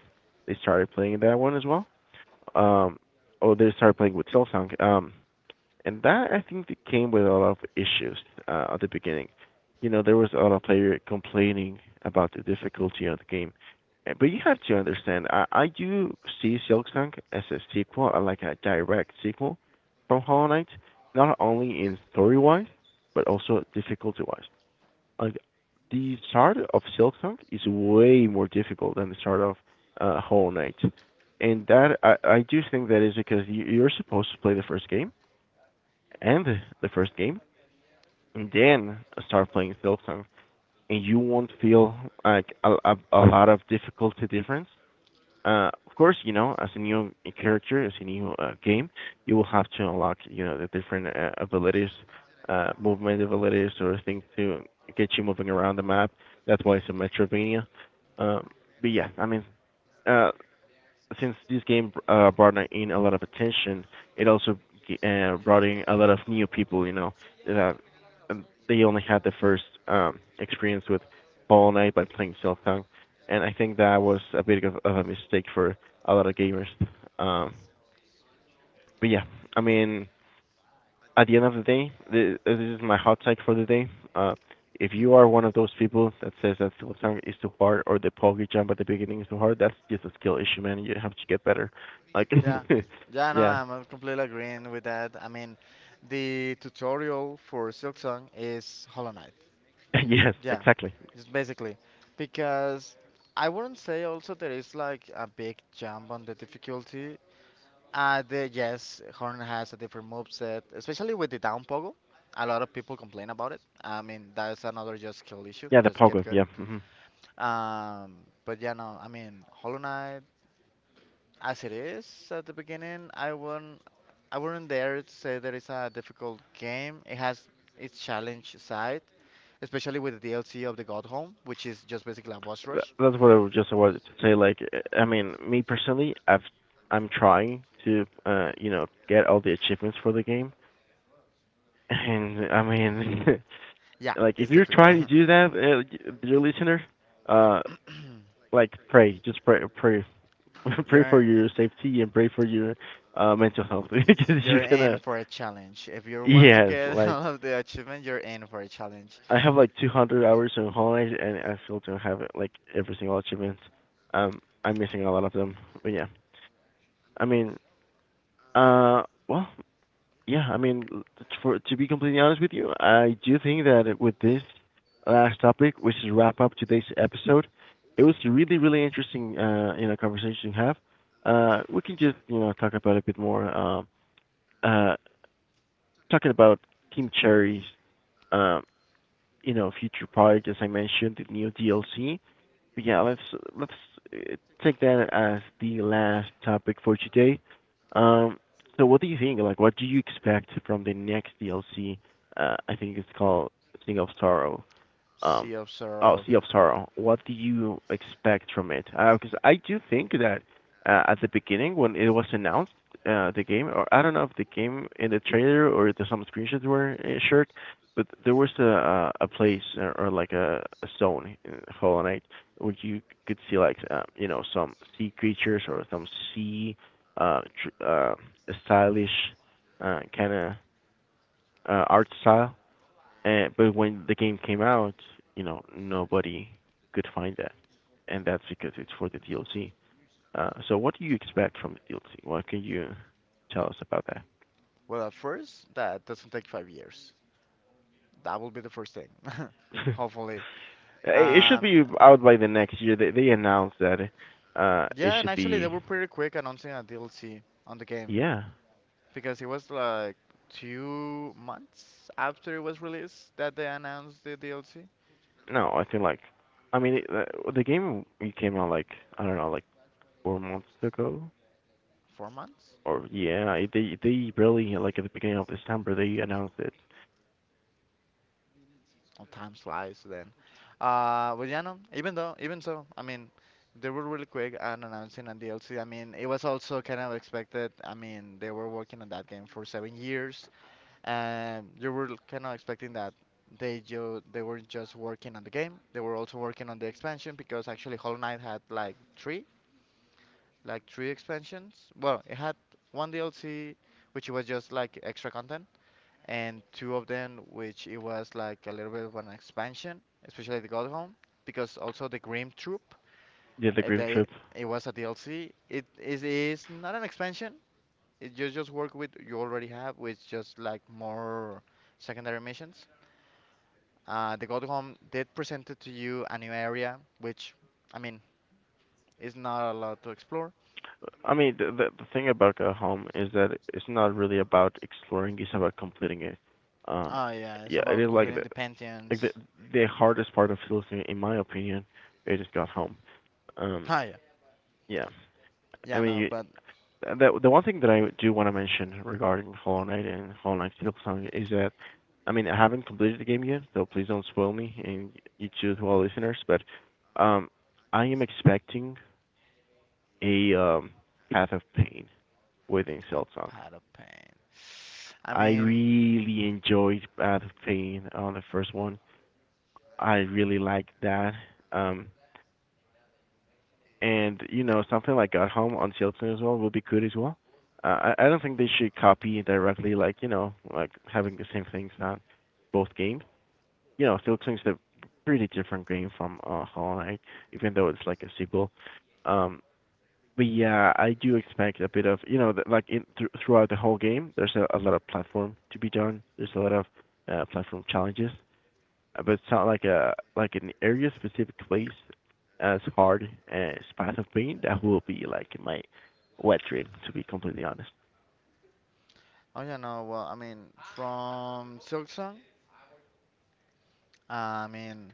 they started playing that one as well. Um, oh, they started playing with Silksong. And that I think came with a lot of issues at the beginning. You know, there was a lot of players complaining about the difficulty of the game, but you have to understand. I do see Silksong as a sequel, like a direct sequel from Hollow Knight, not only in story wise, but also difficulty wise, like the start of Silksong is way more difficult than the start of Hollow Knight, and that I do think that is because you are supposed to play the first game and the first game, and then start playing Silksong, and you won't feel like a lot of difficulty difference. Of course, you know, as a new character, as a new game, you will have to unlock, you know, the different abilities, movement abilities, or things to get you moving around the map. That's why it's a Metroidvania. Um, but yeah, I mean, uh, since this game brought in a lot of attention, it also brought in a lot of new people. Uh, they only had the first experience with Hollow Knight by playing Silk Tongue, and I think that was a bit of a mistake for a lot of gamers. Um, but yeah, I mean, At the end of the day, this is my hot take for the day. Uh, if you are one of those people that says that Phillips tongue is too hard or the pogi jump at the beginning is too hard, that's just a skill issue, man. You have to get better. Like, yeah, yeah. *laughs* No, yeah, I'm completely agreeing with that. I mean, the tutorial for Silksong is Hollow Knight. *laughs* yes, Yeah, exactly. just basically because I wouldn't say also there is like a big jump on the difficulty. The Yes, Horn has a different moveset, especially with the down pogo. A lot of people complain about it. I mean, that's another just skill issue. Yeah, the Just get pogo. good. Yeah, hmm, Um, but yeah, no, I mean, Hollow Knight as it is at the beginning, I wouldn't dare to say that it's a difficult game. It has its challenge side, especially with the DLC of the God Home, which is just basically a boss rush. that's what I just wanted to say. Like, I mean, me personally, I'm trying to, you know, get all the achievements for the game. And I mean, Yeah, *laughs* like, if it's you're difficult. trying to do *coughs* that, dear listener, uh, *clears throat* like pray, just pray, pray, *laughs* pray for You're your safety and pray for your mental health *laughs* because you're you're in gonna. for a challenge. If you want to Yes, get *laughs* like all of the achievement, you're in for a challenge. I have like 200 hours on holidays and I still don't have like every single achievement. I'm missing a lot of them, but yeah. I mean, uh, well, Yeah, I mean, for to be completely honest with you, I do think that with this last topic, which is wrap up today's episode, it was really, really interesting, you know, conversation to have. We can just, you know, talk about it a bit more. Uh, Talking about Team Cherry's, um, you know, future project, as I mentioned, the new DLC, yeah, let's uh, take that as the last topic for today. Um, so what do you think? Like, what do you expect from the next DLC? I think it's called Sing of Sorrow, um, Sea of oh, Sorrow. Sea of Sorrow, what do you expect from it? Because I do think that at the beginning when it was announced, the game, or I don't know if the game in the trailer or some screenshots were shared, but there was a place or like a zone in Hollow Knight where you could see like you know some sea creatures or some sea uh, tr- uh stylish kind of art style, and but when the game came out, you know, nobody could find that, and that's because it's for the DLC. So what do you expect from the DLC? What can you tell us about that? Well, at first, that doesn't take 5 years. That will be the first thing, *laughs* *laughs* hopefully. It should Um, be out by the next year. They announced that it yeah, and should actually they be were pretty quick announcing a DLC on the game yeah. because it was like 2 months after it was released that they announced the DLC. No, I feel like I mean the game came out like I don't know like 4 months ago 4 months? or yeah they really like at the beginning of December they announced it. Oh, time flies then. But yeah, no, even though, even so, I mean, they were really quick on announcing a DLC. I mean, it was also kind of expected. I mean, they were working on that game for 7 years, and you were kind of expecting that they weren't just working on the game, they were also working on the expansion because actually Hollow Knight had like 3 like 3 expansions. Well, it had one DLC, which was just like extra content, and two of them, which it was like a little bit of an expansion, especially the God Home, because also the Grim Troop, Yeah, the Grim they Trip. it was a DLC. It Is not an expansion. It just work with you already have, with just like more secondary missions. The God Home did presented to you a new area, which I mean is not a lot to explore. I mean, the thing about a home is that it's not really about exploring; it's about completing it. Uh, Oh yeah, it's yeah, it about is like completing the like the Pantheons. *laughs* the hardest part of Silicon, in my opinion. It is got home. Um, Oh yeah, yeah, I yeah mean, no, but the one thing that I do want to mention regarding Hollow Knight and Hollow Knight Silk Song is that, I mean, I haven't completed the game yet, so please don't spoil me and you two as well, listeners. But um, I am expecting a Path of Pain within a Silk Song. have of pain. I I mean, really enjoyed the pain on the first one. I really liked that. Um, and you know, something like Got Home on Chilton as well would be good as well. I don't think they should copy directly, like you know, like having the same things on both games. You know, Silk is a pretty different game from Hollow Knight, even though it's like a sequel. Um, But yeah, I do expect a bit of, you know, th- like in, thr throughout the whole game, there's a lot of platform to be done. There's a lot of platform challenges. But it's not like a like an area specific place as hard as Path of Pain. That will be like my wet dream, to be completely honest. oh yeah no, well I mean from Silksong, I mean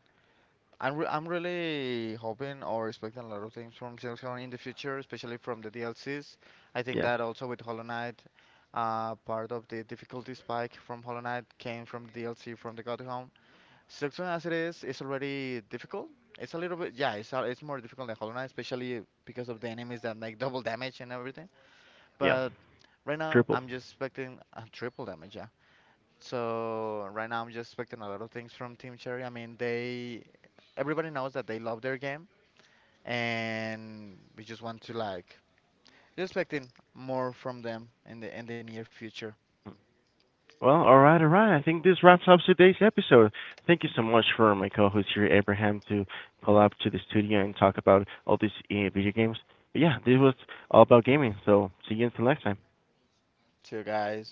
I'm really hoping or expecting a lot of things from Silksong in the future, especially from the DLCs. I think Yes, that also with Hollow Knight, part of the difficulty spike from Hollow Knight came from the DLC from the God Home. Silksong as it is already difficult. It's a little bit, yeah, it's a, it's more difficult than Hollow Knight, especially because of the enemies that make double damage and everything. yeah, But right now, triple. I'm just expecting a triple damage, yeah. So right now, I'm just expecting a lot of things from Team Cherry. I mean, they, everybody knows that they love their game, and we just want to like, just expecting more from them in the near future. Well, all right, all right. I think this wraps up today's episode. Thank you so much for my co-host here, Abraham, to pull up to the studio and talk about all these video games. But yeah, this was all about gaming. So see you until next time. So guys,